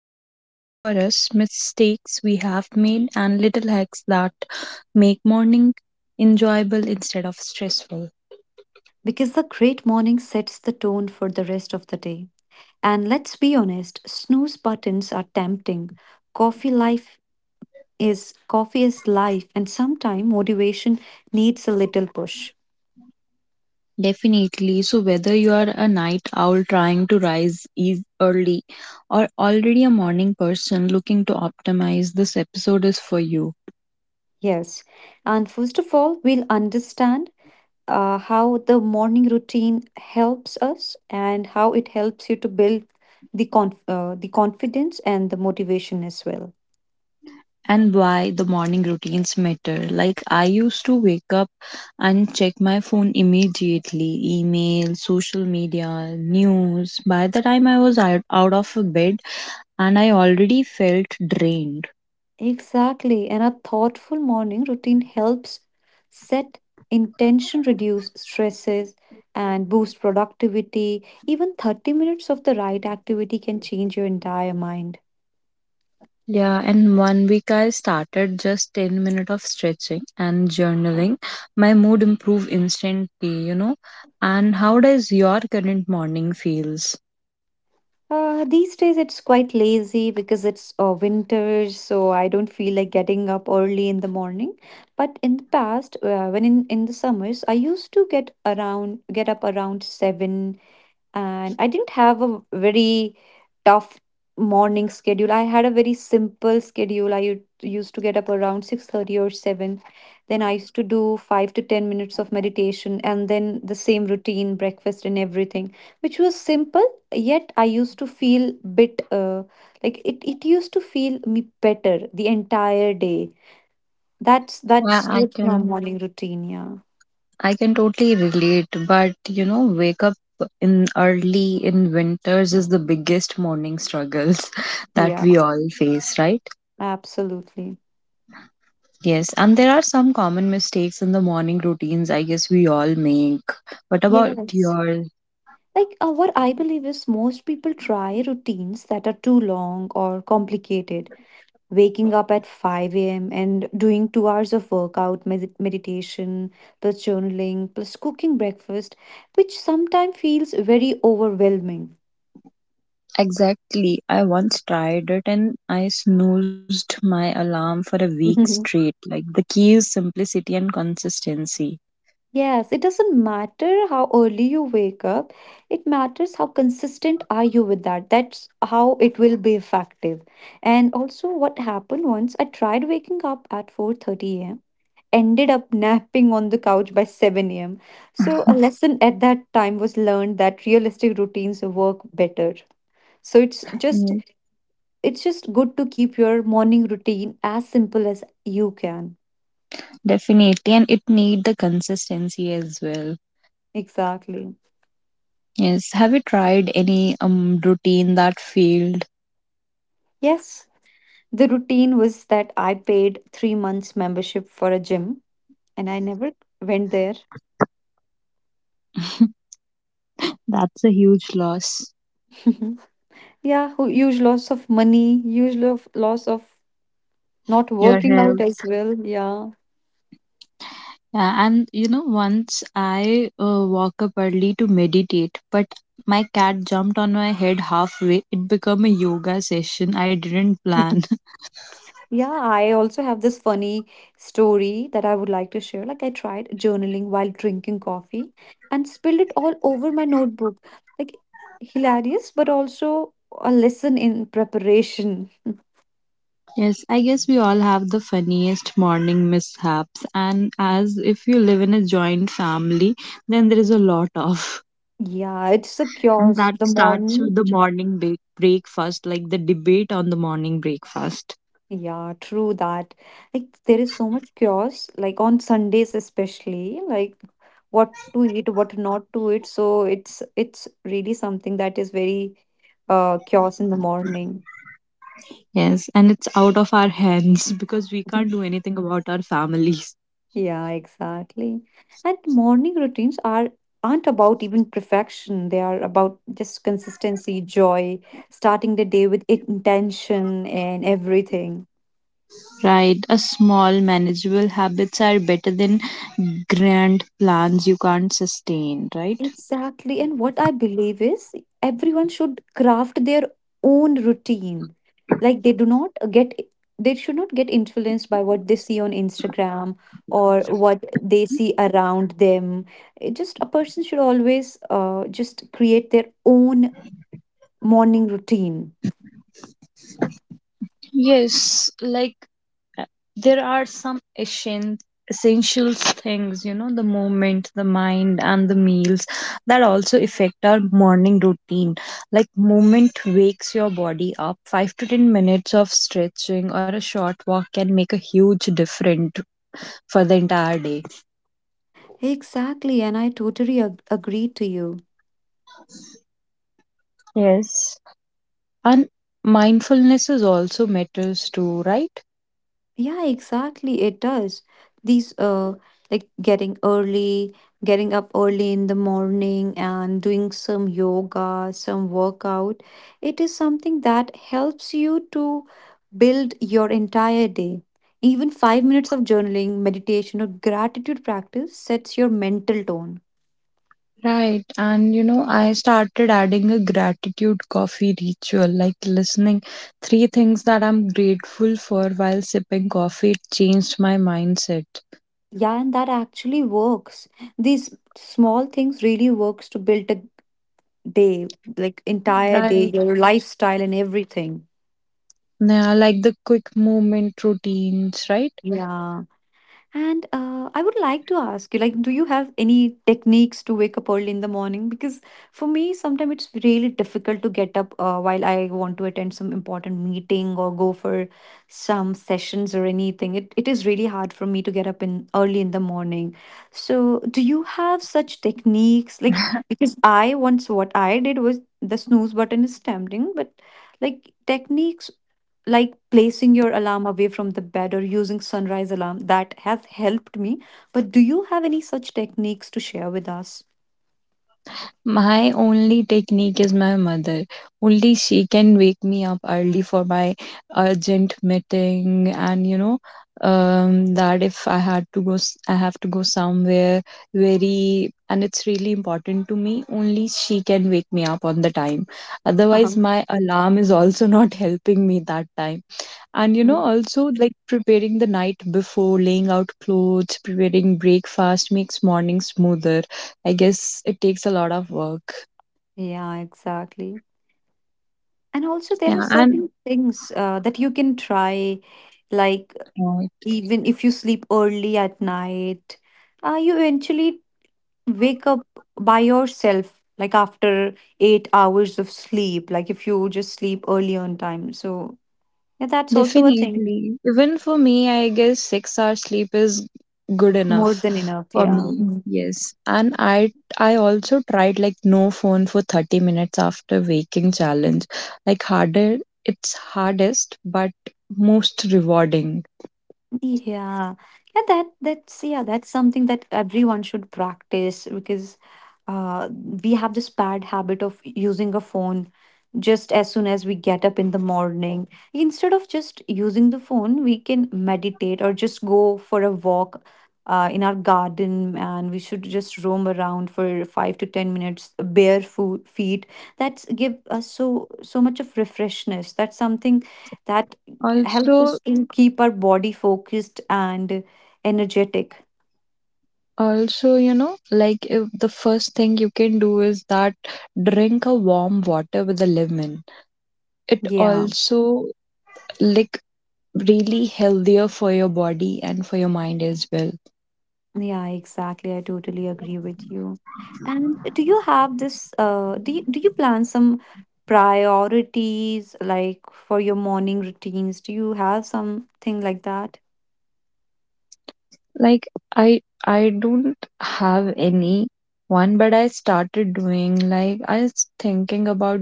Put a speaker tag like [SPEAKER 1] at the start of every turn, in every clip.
[SPEAKER 1] that worked for us, mistakes we have made, and little hacks that make morning enjoyable instead of stressful.
[SPEAKER 2] Because the great morning sets the tone for the rest of the day. And let's be honest, snooze buttons are tempting. Coffee life Coffee is life, and sometimes motivation needs a little push.
[SPEAKER 1] Definitely. So, whether you are a night owl trying to rise eas early or already a morning person looking to optimize, this episode is for you.
[SPEAKER 2] Yes. And first of all, we'll understand how the morning routine helps us and how it helps you to build the the confidence and the motivation as well.
[SPEAKER 1] And why the morning routines matter. Like, I used to wake up and check my phone immediately email, social media, news. By the time I was out of bed, and I already felt drained.
[SPEAKER 2] Exactly. And a thoughtful morning routine helps set intention, reduce stresses, and boost productivity. Even 30 minutes of the right activity can change your entire mind.
[SPEAKER 1] Yeah, and one week I started just 10 minutes of stretching and journaling. My mood improved instantly. And how does your current morning feels?
[SPEAKER 2] These days it's quite lazy because it's winter, so I don't feel like getting up early in the morning. But in the past, in the summers, I used to get up around seven and I didn't have a very tough morning schedule. I had a very simple schedule. I used to get up around 6:30 or 7. Then I used to do 5 to 10 minutes of meditation and then the same routine, breakfast and everything, which was simple, yet I used to feel bit like it used to feel me better the entire day.
[SPEAKER 1] Yeah,
[SPEAKER 2] That's
[SPEAKER 1] I
[SPEAKER 2] what's my
[SPEAKER 1] can.
[SPEAKER 2] morning routine, yeah.
[SPEAKER 1] I can totally relate, but wake up in early in winters is the biggest morning struggles that
[SPEAKER 2] Yeah,
[SPEAKER 1] we all face, right?
[SPEAKER 2] absolutely.
[SPEAKER 1] Yes, and there are some common mistakes in the morning routines I guess we all make. What about
[SPEAKER 2] Yes.
[SPEAKER 1] your?
[SPEAKER 2] Like, what I believe is most people try routines that are too long or complicated. Waking up at 5 a.m. and doing 2 hours of workout, meditation, plus journaling, plus cooking breakfast, which sometimes feels very overwhelming.
[SPEAKER 1] Exactly. I once tried it and I snoozed my alarm for a week straight. Like the key is simplicity and consistency.
[SPEAKER 2] Yes, it doesn't matter how early you wake up. It matters how consistent are you with that. That's how it will be effective. And also what happened once I tried waking up at 4:30 a.m., ended up napping on the couch by 7 a.m. So, a lesson at that time was learned that realistic routines work better. So,
[SPEAKER 1] Mm.
[SPEAKER 2] it's just good to keep your morning routine as simple as you can.
[SPEAKER 1] Definitely. And it need the consistency as well.
[SPEAKER 2] Exactly.
[SPEAKER 1] Yes. Have you tried any routine that failed?
[SPEAKER 2] Yes, the routine was that I paid 3 months membership for a gym and I never went there.
[SPEAKER 1] That's a huge loss.
[SPEAKER 2] Yeah, huge loss of money, huge loss of not
[SPEAKER 1] Your
[SPEAKER 2] working out
[SPEAKER 1] health.
[SPEAKER 2] as well. Yeah.
[SPEAKER 1] Yeah, and once I woke up early to meditate, but my cat jumped on my head halfway. It became a yoga session I didn't plan.
[SPEAKER 2] Yeah, I also have this funny story that I would like to share. Like, I tried journaling while drinking coffee and spilled it all over my notebook. Like, hilarious, but also a lesson in preparation.
[SPEAKER 1] Yes, I guess we all have the funniest morning mishaps, and as if you live in a joint family, then there is a lot of.
[SPEAKER 2] Yeah, it's a
[SPEAKER 1] And
[SPEAKER 2] chaos. The
[SPEAKER 1] that starts
[SPEAKER 2] morning.
[SPEAKER 1] with the morning breakfast, like the debate on the morning breakfast.
[SPEAKER 2] Yeah, true that. Like, there is so much chaos, like on Sundays especially, like what to eat, what not to eat. So it's really something that is very chaos in the morning.
[SPEAKER 1] Yes, and it's out of our hands because we can't do anything about our families.
[SPEAKER 2] Yeah, exactly. And morning routines are aren't about even perfection. They are about just consistency, joy, starting the day with intention and everything.
[SPEAKER 1] Right, a small manageable habits are better than grand plans you can't sustain, right?
[SPEAKER 2] Exactly. And what I believe is everyone should craft their own routine. Like they should not get influenced by what they see on Instagram or what they see around them. It just a person should always just create their own morning routine.
[SPEAKER 1] Yes, like uh, there are some essentials things, the movement, the mind, and the meals that also affect our morning routine. Like movement wakes your body up. 5 to 10 minutes of stretching or a short walk can make a huge difference for the entire day.
[SPEAKER 2] Exactly, and I totally agree to you.
[SPEAKER 1] Yes, and mindfulness is also matters too, right?
[SPEAKER 2] Yeah, exactly, it does. These Like getting up early in the morning and doing some yoga, some workout. It is something that helps you to build your entire day. Even 5 minutes of journaling, meditation or gratitude practice sets your mental tone.
[SPEAKER 1] Right. And I started adding a gratitude coffee ritual, like listening three things that I'm grateful for while sipping coffee. It changed my mindset.
[SPEAKER 2] Yeah, and that actually works. These small things really works to build a day, like entire day,
[SPEAKER 1] Right.
[SPEAKER 2] your lifestyle and everything.
[SPEAKER 1] Yeah, like the quick movement routines, right?
[SPEAKER 2] Yeah. And I would like to ask you, like, do you have any techniques to wake up early in the morning? Because for me, sometimes it's really difficult to get up while I want to attend some important meeting or go for some sessions or anything. It is really hard for me to get up in early in the morning. So, do you have such techniques? Like, because I once what I did was the snooze button is tempting, but like techniques like placing your alarm away from the bed or using sunrise alarm that has helped me, but do you have any such techniques to share with us?
[SPEAKER 1] My only technique is my mother. Only she can wake me up early for my urgent meeting, and that if I had to go, I have to go somewhere very, and it's really important to me. Only she can wake me up on the time. Otherwise,
[SPEAKER 2] Uh-huh.
[SPEAKER 1] my alarm is also not helping me that time. And
[SPEAKER 2] Mhm.
[SPEAKER 1] also like preparing the night before, laying out clothes, preparing breakfast makes morning smoother. I guess it takes a lot of work.
[SPEAKER 2] Yeah, exactly, and also there are
[SPEAKER 1] Yeah. and
[SPEAKER 2] certain things that you can try, like
[SPEAKER 1] Right.
[SPEAKER 2] even if you sleep early at night, you eventually wake up by yourself, like after 8 hours of sleep, like if you just sleep early on time, so yeah, that's also a thing.
[SPEAKER 1] Definitely. Even for me, I guess 6 hours sleep is good
[SPEAKER 2] More than
[SPEAKER 1] enough
[SPEAKER 2] enough,
[SPEAKER 1] for
[SPEAKER 2] yeah.
[SPEAKER 1] me. Yes. And I also tried like no phone for 30 minutes after waking challenge. Like harder it's hardest but most rewarding.
[SPEAKER 2] Yeah, yeah, that that's yeah, that's something that everyone should practice because uh, we have this bad habit of using a phone just as soon as we get up in the morning. Instead of just using the phone, we can meditate or just go for a walk in our garden and we should just roam around for 5 to 10 minutes bare feet. That's give us so much of refreshness. That's something that helps
[SPEAKER 1] Also
[SPEAKER 2] us to keep our body focused and energetic.
[SPEAKER 1] Also, like if the first thing you can do is that drink a warm water with a lemon. It
[SPEAKER 2] Yeah.
[SPEAKER 1] also like really healthier for your body and for your mind as well.
[SPEAKER 2] Yeah, exactly. I totally agree with you. And do you have this do you plan some priorities like for your morning routines? Do you have something like that?
[SPEAKER 1] like i i don't have any one, but I started doing, like, I was thinking about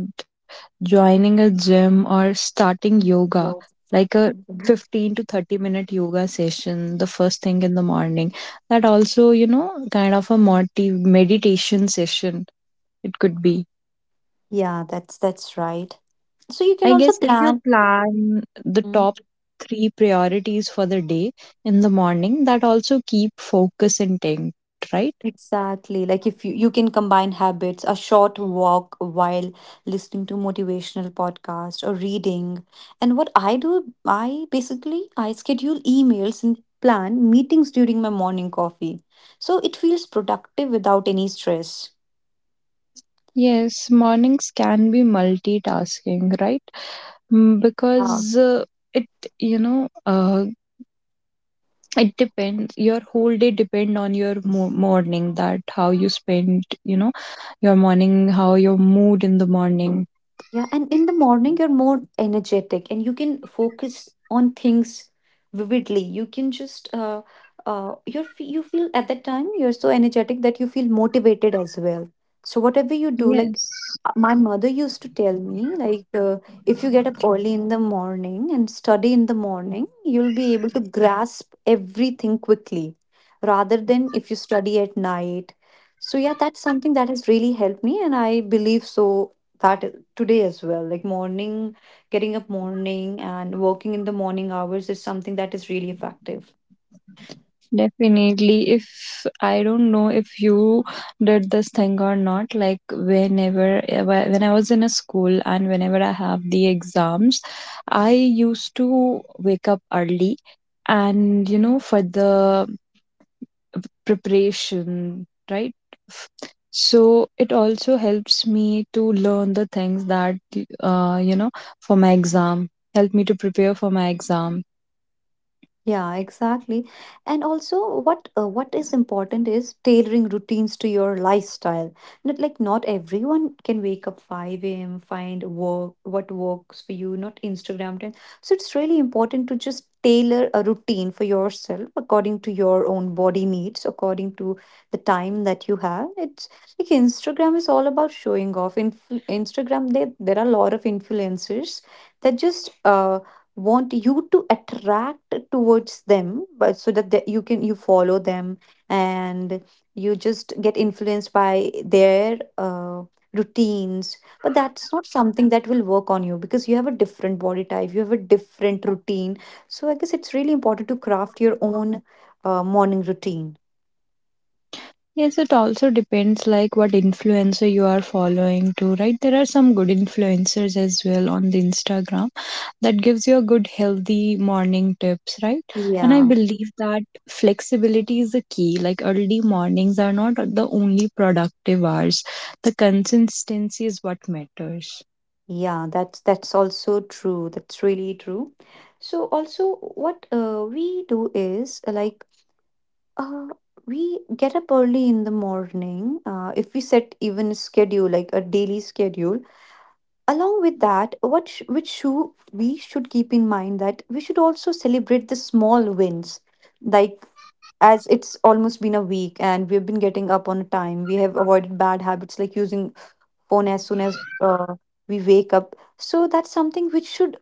[SPEAKER 1] joining a gym or starting yoga,
[SPEAKER 2] Yes.
[SPEAKER 1] like a
[SPEAKER 2] Mhm.
[SPEAKER 1] 15 to 30 minute yoga session the first thing in the morning. That also, kind of a motive meditation session it could be.
[SPEAKER 2] Yeah, that's right. So you can
[SPEAKER 1] I
[SPEAKER 2] also
[SPEAKER 1] guess if you
[SPEAKER 2] plan.
[SPEAKER 1] plan the top three priorities for the day in the morning, that also keep focus intact, right?
[SPEAKER 2] Exactly. Like if you, you can combine habits, a short walk while listening to motivational podcast or reading. And what I do, I schedule emails and plan meetings during my morning coffee. So it feels productive without any stress.
[SPEAKER 1] Yes, mornings can be multitasking, right? Because it, you know, uh, it depends. Your whole day depend on your morning. That how you spend, your morning, how your mood in the morning.
[SPEAKER 2] Yeah, and in the morning, you're more energetic and you can focus on things vividly. You can just, you feel at that time, you're so energetic that you feel motivated as well. So, whatever you do, like
[SPEAKER 1] Yes.
[SPEAKER 2] my mother used to tell me, like, if you get up early in the morning and study in the morning, you'll be able to grasp everything quickly rather than if you study at night. So, yeah, that's something that has really helped me, and I believe so that i- today as well, like morning, getting up morning and working in the morning hours is something that is really effective.
[SPEAKER 1] Definitely. If I don't know if you did this thing or not, like when I was in a school and whenever I have the exams, I used to wake up early and for the preparation, right? F- So it also helps me to learn the things that uh, you know for my exam, help me to prepare for my exam.
[SPEAKER 2] Yeah, exactly. And also, what is important is tailoring routines to your lifestyle. Not like not everyone can wake up 5 a.m., find work what works for you, not Instagram trend. So it's really important to just tailor a routine for yourself according to your own body needs, according to the time that you have. It's like Instagram is all about showing off. Inf Instagram, there are a lot of influencers that just want you to attract towards them, but so that you can you follow them and you just get influenced by their routines, but that's not something that will work on you because you have a different body type, you have a different routine, so I guess it's really important to craft your own morning routine.
[SPEAKER 1] Yes, it also depends like what influencer you are following too, right? There are some good influencers as well on the Instagram. That gives you a good healthy morning tips, right? And I
[SPEAKER 2] yeah
[SPEAKER 1] believe that flexibility is the key. Like, early mornings are not the only productive hours. The consistency is what matters.
[SPEAKER 2] yeah, that's also true, that's really true. So also what we do is Uh, we get up early in the morning. If we set even a schedule, like a daily schedule, along with that, which shoe we should keep in mind that we should also celebrate the small wins, like as it's almost been a week and we've been getting up on time. We have avoided bad habits like using phone as soon as we wake up. So that's something which should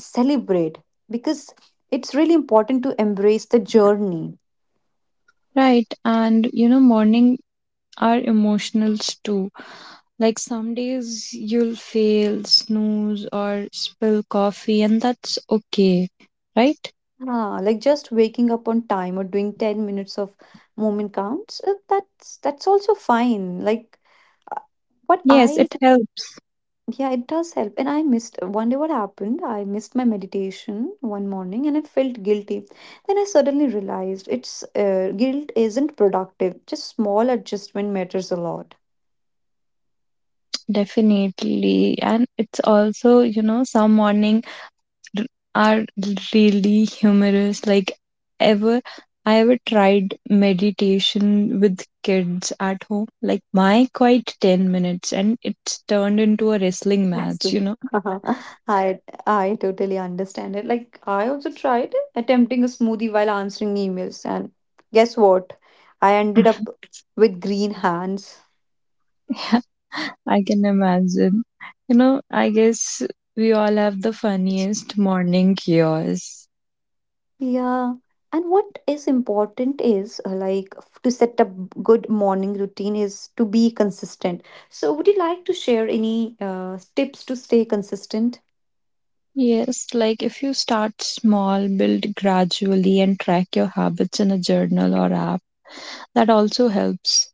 [SPEAKER 2] celebrate because it's really important to embrace the journey.
[SPEAKER 1] Right. And morning are emotionals too. Like, some days you'll fail snooze or spill coffee, and that's okay, right?
[SPEAKER 2] Ah, like just waking up on time or doing 10 minutes of movement counts, that's also fine. Like what
[SPEAKER 1] Yes,
[SPEAKER 2] I
[SPEAKER 1] it helps.
[SPEAKER 2] Yeah, it does help. And I missed one day what happened, I missed my meditation one morning and I felt guilty. Then I suddenly realized it's guilt isn't productive. Just small adjustment matters a lot.
[SPEAKER 1] Definitely. And it's also, some morning r- are really humorous. Like ever I ever tried meditation with kids at home, like my quite 10 minutes, and it's turned into a wrestling match,
[SPEAKER 2] Absolutely.
[SPEAKER 1] you know.
[SPEAKER 2] I I totally understand it. Like I also tried attempting a smoothie while answering emails, and guess what? I ended up with green hands.
[SPEAKER 1] I can imagine. I guess we all have the funniest morning chaos.
[SPEAKER 2] Yeah. And what is important is to set up good morning routine is to be consistent. So would you like to share any tips to stay consistent?
[SPEAKER 1] Yes, like if you start small, build gradually, and track your habits in a journal or app, that also helps.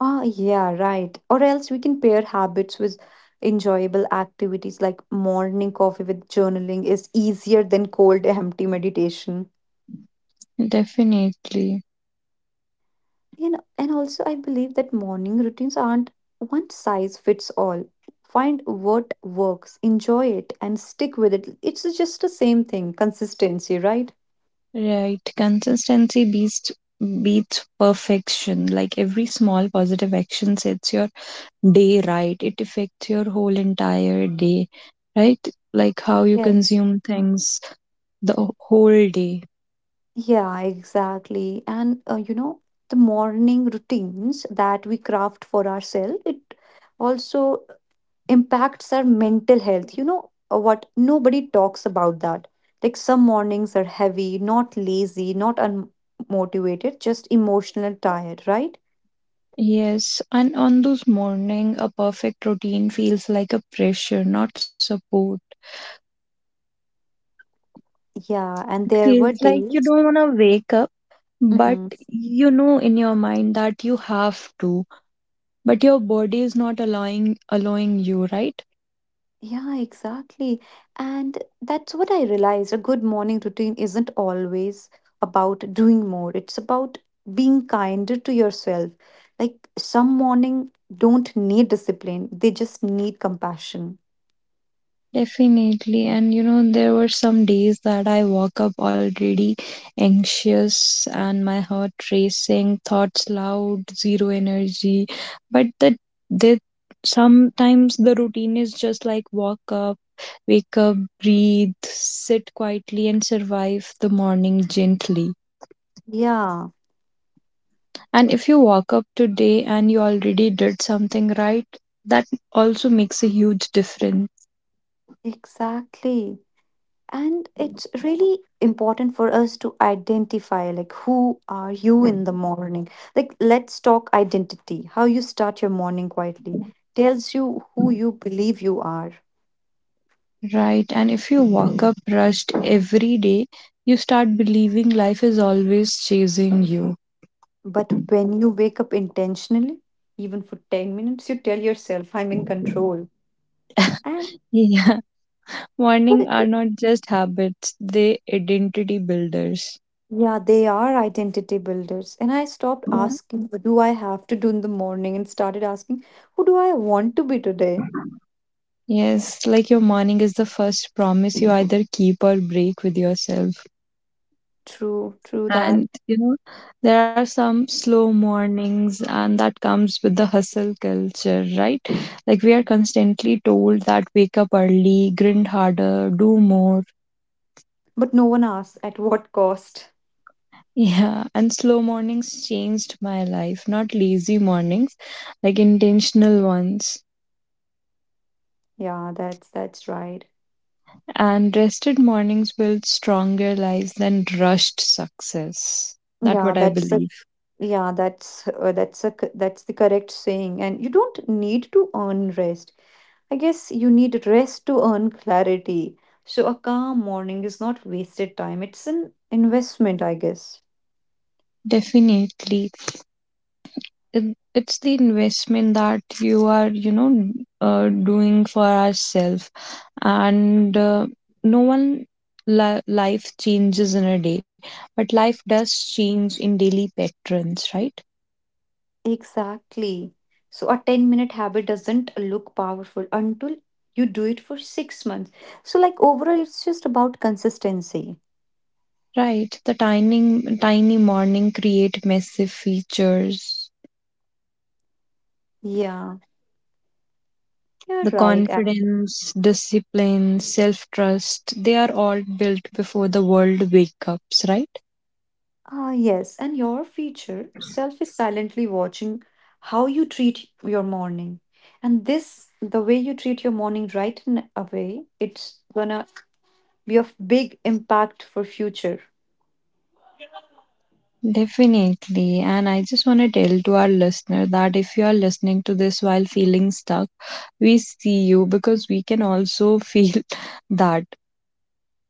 [SPEAKER 2] Oh, yeah, right. Or else we can pair habits with enjoyable activities like morning coffee with journaling is easier than cold, empty meditation.
[SPEAKER 1] Definitely.
[SPEAKER 2] You know, and also I believe that morning routines aren't one size fits all. Find what works, enjoy it, and stick with it. It's just the same thing, consistency, right?
[SPEAKER 1] Right. Consistency beats perfection. Like every small positive action sets your day right. It affects your whole entire day, right? Like how you
[SPEAKER 2] Yes.
[SPEAKER 1] consume things the whole day.
[SPEAKER 2] Yeah, exactly. And you know, the morning routines that we craft for ourselves, it also impacts our mental health. You know what? Nobody talks about that. Like some mornings are heavy, not lazy, not unmotivated, just emotional tired, right?
[SPEAKER 1] Yes, and on those morning, a perfect routine feels like a pressure, not support.
[SPEAKER 2] Yeah, and
[SPEAKER 1] It
[SPEAKER 2] there
[SPEAKER 1] feels
[SPEAKER 2] were
[SPEAKER 1] like you
[SPEAKER 2] days.
[SPEAKER 1] don't want to wake up, but
[SPEAKER 2] hmm
[SPEAKER 1] you know in your mind that you have to, but your body is not allowing you, right?
[SPEAKER 2] Yeah, exactly. And that's what I realized. A good morning routine isn't always about doing more, it's about being kinder to yourself. Like some morning don't need discipline, they just need compassion.
[SPEAKER 1] Definitely. And there were some days that I woke up already anxious and my heart racing, thoughts loud, zero energy. But that sometimes the routine is just like walk up, wake up, breathe, sit quietly and survive the morning gently.
[SPEAKER 2] Yeah.
[SPEAKER 1] And if you walk up today and you already did something right, that also makes a huge difference.
[SPEAKER 2] Exactly. And it's really important for us to identify like who are you in the morning? Like let's talk identity. How you start your morning quietly tells you who you believe you are.
[SPEAKER 1] Right. And if you walk up rushed every day, you start believing life is always chasing you.
[SPEAKER 2] But when you wake up intentionally, even for 10 minutes, you tell yourself I'm in control. And
[SPEAKER 1] Yeah. Morning
[SPEAKER 2] uh,
[SPEAKER 1] are not just habits, they identity builders.
[SPEAKER 2] yeah, they are identity builders. And I stopped
[SPEAKER 1] Yeah.
[SPEAKER 2] asking what do I have to do in the morning and started asking who do I want to be today?
[SPEAKER 1] Yes, like your morning is the first promise you either keep or break with yourself.
[SPEAKER 2] True, true that.
[SPEAKER 1] And there are some slow mornings and that comes with the hustle culture, right? Like we are constantly told that wake up early, grind harder, do more.
[SPEAKER 2] But no one asks at what cost.
[SPEAKER 1] Yeah, and slow mornings changed my life. Not lazy mornings, like intentional ones.
[SPEAKER 2] Yeah, that's right.
[SPEAKER 1] And rested mornings build stronger lives than rushed success. That's what
[SPEAKER 2] Yeah,
[SPEAKER 1] I
[SPEAKER 2] that's
[SPEAKER 1] believe.
[SPEAKER 2] the yeah, that's a c- that's the correct saying. And you don't need to earn rest. I guess you need rest to earn clarity. So a calm morning is not wasted time. It's an investment, I guess.
[SPEAKER 1] Definitely. It's the investment that you are, doing for ourselves. And no one life changes in a day, but life does change in daily patterns, right?
[SPEAKER 2] Exactly. So a 10-minute habit doesn't look powerful until you do it for 6 months. So like overall it's just about consistency.
[SPEAKER 1] Right, the tiny, tiny morning create massive features.
[SPEAKER 2] Yeah. Yeah,
[SPEAKER 1] The
[SPEAKER 2] right. Actually.
[SPEAKER 1] confidence, discipline, self trust, they are all built before the world wake ups, right?
[SPEAKER 2] Ah, yes. And your future self is silently watching how you treat your morning. And this, the way you treat your morning right in a way, it's gonna be of big impact for future.
[SPEAKER 1] Definitely. And I just want to tell to our listener that if you are listening to this while feeling stuck, we see you because we can also feel that.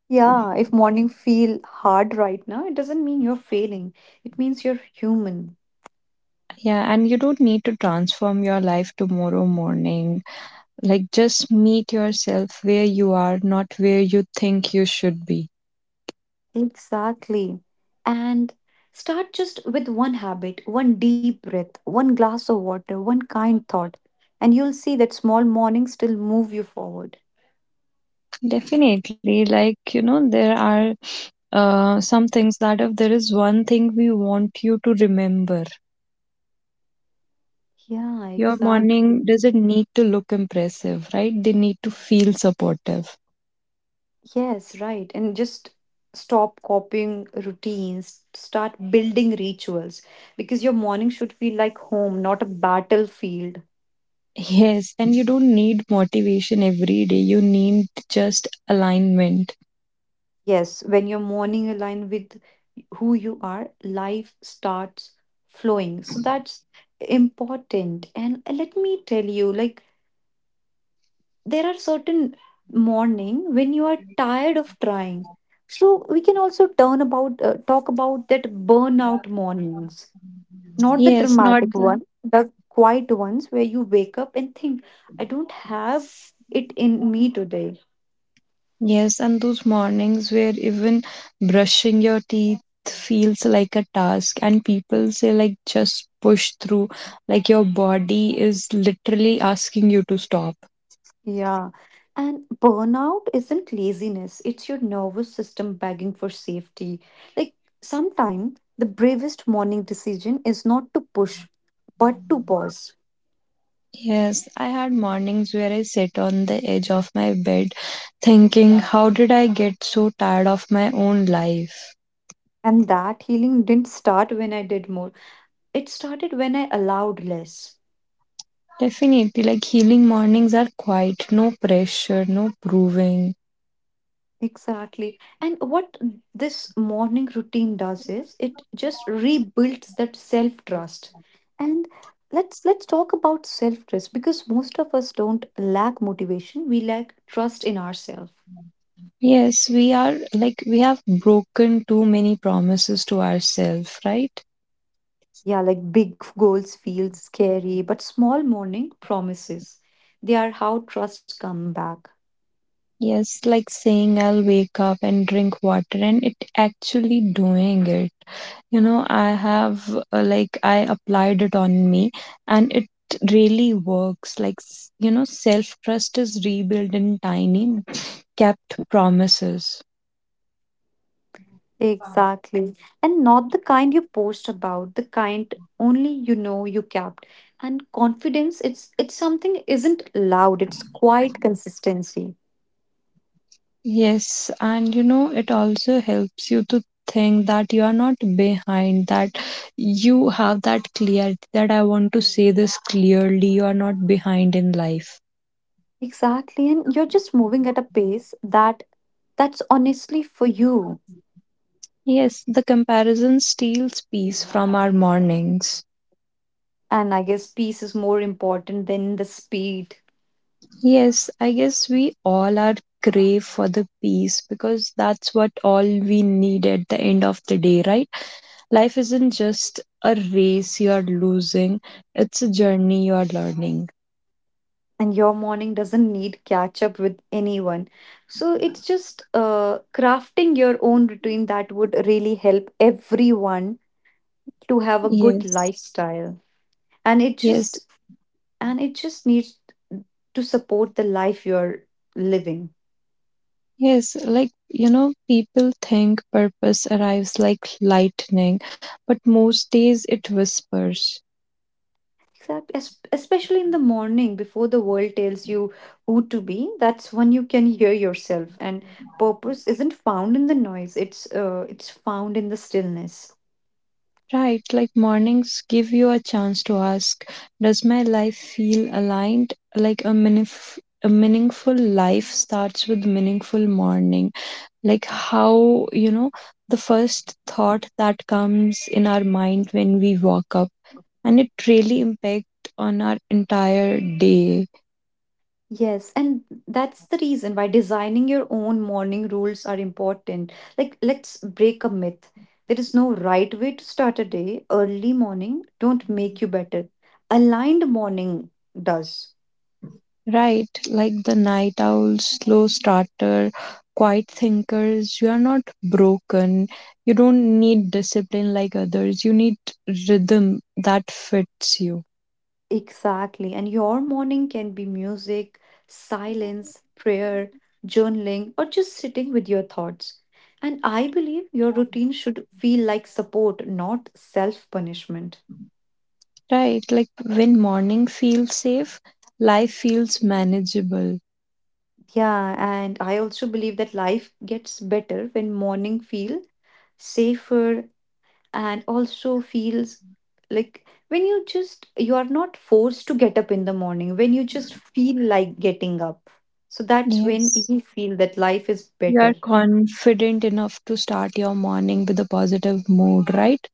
[SPEAKER 2] Yeah, if morning feel hard right now, it doesn't mean you're failing. It means you're human.
[SPEAKER 1] Yeah, and you don't need to transform your life tomorrow morning. Like, just meet yourself where you are, not where you think you should be.
[SPEAKER 2] Exactly. And start just with one habit, one deep breath, one glass of water, one kind thought, and you'll see that small mornings still move you forward.
[SPEAKER 1] Definitely. Like, there are some things that if there is one thing we want you to remember,
[SPEAKER 2] Yeah,
[SPEAKER 1] your
[SPEAKER 2] exactly.
[SPEAKER 1] morning doesn't need to look impressive, right? They need to feel supportive.
[SPEAKER 2] Yes, right. And just stop copying routines, start building rituals because your morning should feel like home, not a battlefield.
[SPEAKER 1] Yes, and you don't need motivation every day. You need just alignment.
[SPEAKER 2] Yes, when your morning align with who you are, life starts flowing. So that's important. And let me tell you, like, there are certain morning when you are tired of trying. So we can also turn about, talk about that burnout mornings, not the
[SPEAKER 1] Yes. not
[SPEAKER 2] dramatic
[SPEAKER 1] the
[SPEAKER 2] one, the quiet ones where you wake up and think, I don't have it in me today.
[SPEAKER 1] Yes, and those mornings where even brushing your teeth feels like a task, and people say, like, just push through, like, your body is literally asking you to stop.
[SPEAKER 2] Yeah. And burnout isn't laziness, it's your nervous system begging for safety. Like sometimes the bravest morning decision is not to push, but to pause.
[SPEAKER 1] Yes, I had mornings where I sit on the edge of my bed thinking, how did I get so tired of my own life?
[SPEAKER 2] And that healing didn't start when I did more, it started when I allowed less.
[SPEAKER 1] Definitely, like, healing mornings are quiet, no pressure, no proving.
[SPEAKER 2] Exactly. And what this morning routine does is it just rebuilds that self-trust. And let's talk about self-trust because most of us don't lack motivation, we lack trust in ourselves.
[SPEAKER 1] Yes, we are like we have broken too many promises to ourselves, right?
[SPEAKER 2] Yeah, like big goals feel scary, but small morning promises. They are how trust come back.
[SPEAKER 1] Yes, like saying I'll wake up and drink water and it actually doing it. I have like I applied it on me and it really works. Like, self trust is rebuilt in tiny kept promises.
[SPEAKER 2] Exactly. And not the kind you post about, the kind only you know you kept. And confidence, it's something isn't loud, it's quite consistency.
[SPEAKER 1] Yes, and it also helps you to think that you are not behind, that you have that clarity that I want to say this clearly, you are not behind in life.
[SPEAKER 2] Exactly. And you're just moving at a pace that's honestly for you.
[SPEAKER 1] Yes, the comparison steals peace from our mornings.
[SPEAKER 2] And I guess peace is more important than the speed.
[SPEAKER 1] Yes, I guess we all are crave for the peace because that's what all we need at the end of the day, right? Life isn't just a race you are losing, it's a journey you are learning.
[SPEAKER 2] And your morning doesn't need catch up with anyone. So it's just crafting your own routine that would really help everyone to have a good
[SPEAKER 1] Yes.
[SPEAKER 2] lifestyle, and it
[SPEAKER 1] Yes,
[SPEAKER 2] just and it just needs to support the life you're living.
[SPEAKER 1] Yes, like people think purpose arrives like lightning, but most days it whispers.
[SPEAKER 2] Exactly. Especially in the morning before the world tells you who to be, that's when you can hear yourself, and purpose isn't found in the noise, it's found in the stillness.
[SPEAKER 1] Right, like mornings give you a chance to ask, does my life feel aligned? Like a meaningful life starts with meaningful morning. Like how, the first thought that comes in our mind when we walk up, and it really impacts on our entire day.
[SPEAKER 2] Yes, and that's the reason why designing your own morning rules are important. Like, let's break a myth. There is no right way to start a day. Early morning don't make you better. Aligned morning does.
[SPEAKER 1] Right, like the night owl, slow starter, quiet thinkers, you are not broken. You don't need discipline like others. You need rhythm that fits you.
[SPEAKER 2] Exactly. And your morning can be music, silence, prayer, journaling, or just sitting with your thoughts. And I believe your routine should feel like support, not self punishment.
[SPEAKER 1] Right, like when morning feels safe, life feels manageable.
[SPEAKER 2] Yeah, and I also believe that life gets better when morning feel safer and also feels like when you just you are not forced to get up in the morning, when you just feel like getting up. So that's when
[SPEAKER 1] Yes.
[SPEAKER 2] you feel that life is
[SPEAKER 1] You
[SPEAKER 2] better.
[SPEAKER 1] are confident enough to start your morning with a positive mood, right?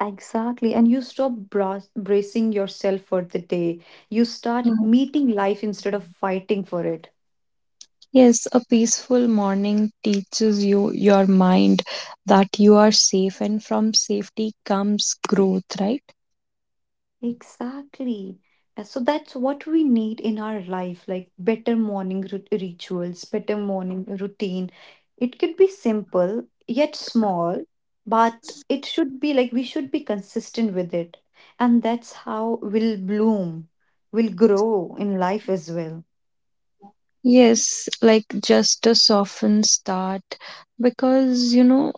[SPEAKER 2] Exactly. And you stop bracing yourself for the day. You start meeting life instead of fighting for it.
[SPEAKER 1] Yes, a peaceful morning teaches you your mind that you are safe, and from safety comes growth, right?
[SPEAKER 2] Exactly. So that's what we need in our life, like better morning rituals, better morning routine. It could be simple yet small, but it should be like we should be consistent with it. And that's how we'll bloom, we'll grow in life as well.
[SPEAKER 1] Yes, like just a softened start because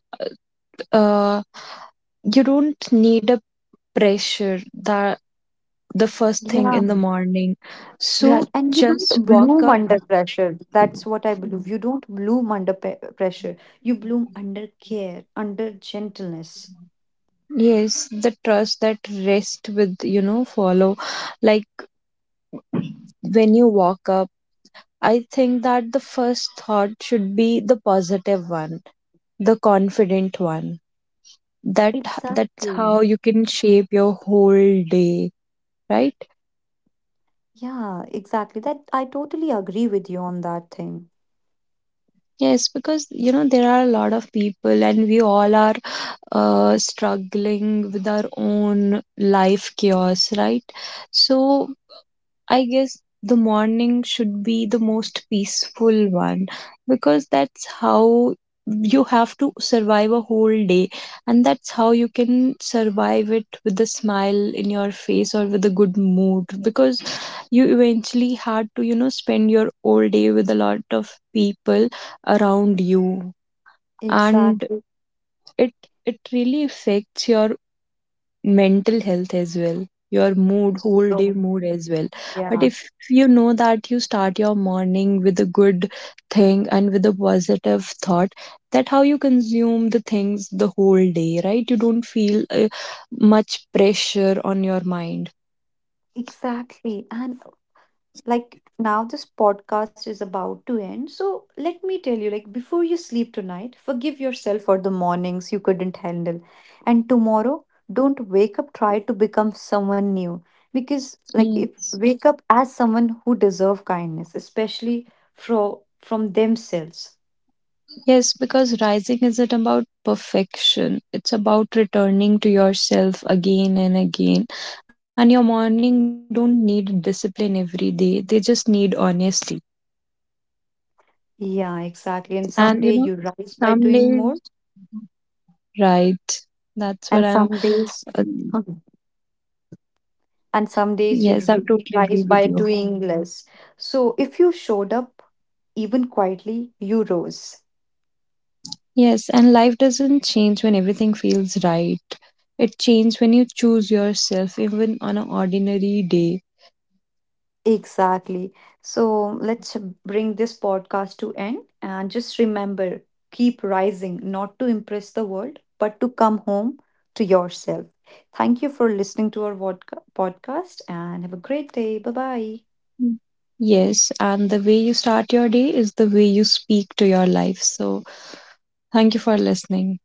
[SPEAKER 1] uh, you don't need a pressure that the first thing
[SPEAKER 2] Yeah,
[SPEAKER 1] in the morning.
[SPEAKER 2] yeah,
[SPEAKER 1] So
[SPEAKER 2] and you
[SPEAKER 1] just
[SPEAKER 2] don't
[SPEAKER 1] walk
[SPEAKER 2] bloom
[SPEAKER 1] up.
[SPEAKER 2] under pressure. That's what I believe. You don't bloom under pressure. You bloom under care, under gentleness.
[SPEAKER 1] Yes, the trust that rest with, follow. Like when you walk up I think that the first thought should be the positive one, the confident one. That's
[SPEAKER 2] Exactly.
[SPEAKER 1] how you can shape your whole day, right?
[SPEAKER 2] Yeah, exactly. That I totally agree with you on that thing.
[SPEAKER 1] Yes, because you know there are a lot of people, and we all are struggling with our own life chaos, right? So I guess the morning should be the most peaceful one because that's how you have to survive a whole day and that's how you can survive it with a smile in your face or with a good mood because you eventually had to spend your whole day with a lot of people around you and
[SPEAKER 2] Exactly.
[SPEAKER 1] it it really affects your mental health as well, your mood whole day
[SPEAKER 2] So,
[SPEAKER 1] mood as well. But
[SPEAKER 2] yeah,
[SPEAKER 1] if you know that you start your morning with a good thing and with a positive thought, that how you consume the things the whole day, right? You don't feel much pressure on your mind.
[SPEAKER 2] exactly. And like now this podcast is about to end. So let me tell you, like before you sleep tonight, forgive yourself for the mornings you couldn't handle. And tomorrow, don't wake up try to become someone new. Because like if
[SPEAKER 1] Yes.
[SPEAKER 2] wake up as someone who deserve kindness, especially from themselves.
[SPEAKER 1] Yes, because rising isn't about perfection. It's about returning to yourself again and again. And your morning don't need discipline every day. They just need honesty.
[SPEAKER 2] Yeah,
[SPEAKER 1] And
[SPEAKER 2] exactly. And someday you
[SPEAKER 1] some
[SPEAKER 2] rise by
[SPEAKER 1] days,
[SPEAKER 2] doing more,
[SPEAKER 1] right? That's what I'm.
[SPEAKER 2] and some
[SPEAKER 1] Uh,
[SPEAKER 2] days, Mhm. and some days
[SPEAKER 1] yes, I
[SPEAKER 2] you
[SPEAKER 1] totally agree
[SPEAKER 2] rise
[SPEAKER 1] with
[SPEAKER 2] by
[SPEAKER 1] you.
[SPEAKER 2] doing less. So if you showed up, even quietly, you rose.
[SPEAKER 1] Yes, and life doesn't change when everything feels right. It changes when you choose yourself, even on an ordinary day.
[SPEAKER 2] Exactly. So let's bring this podcast to end and just remember keep rising, not to impress the world, but to come home to yourself. Thank you for listening to our podcast and have a great day. Bye bye.
[SPEAKER 1] Mm. Yes, and the way you start your day is the way you speak to your life. So, thank you for listening.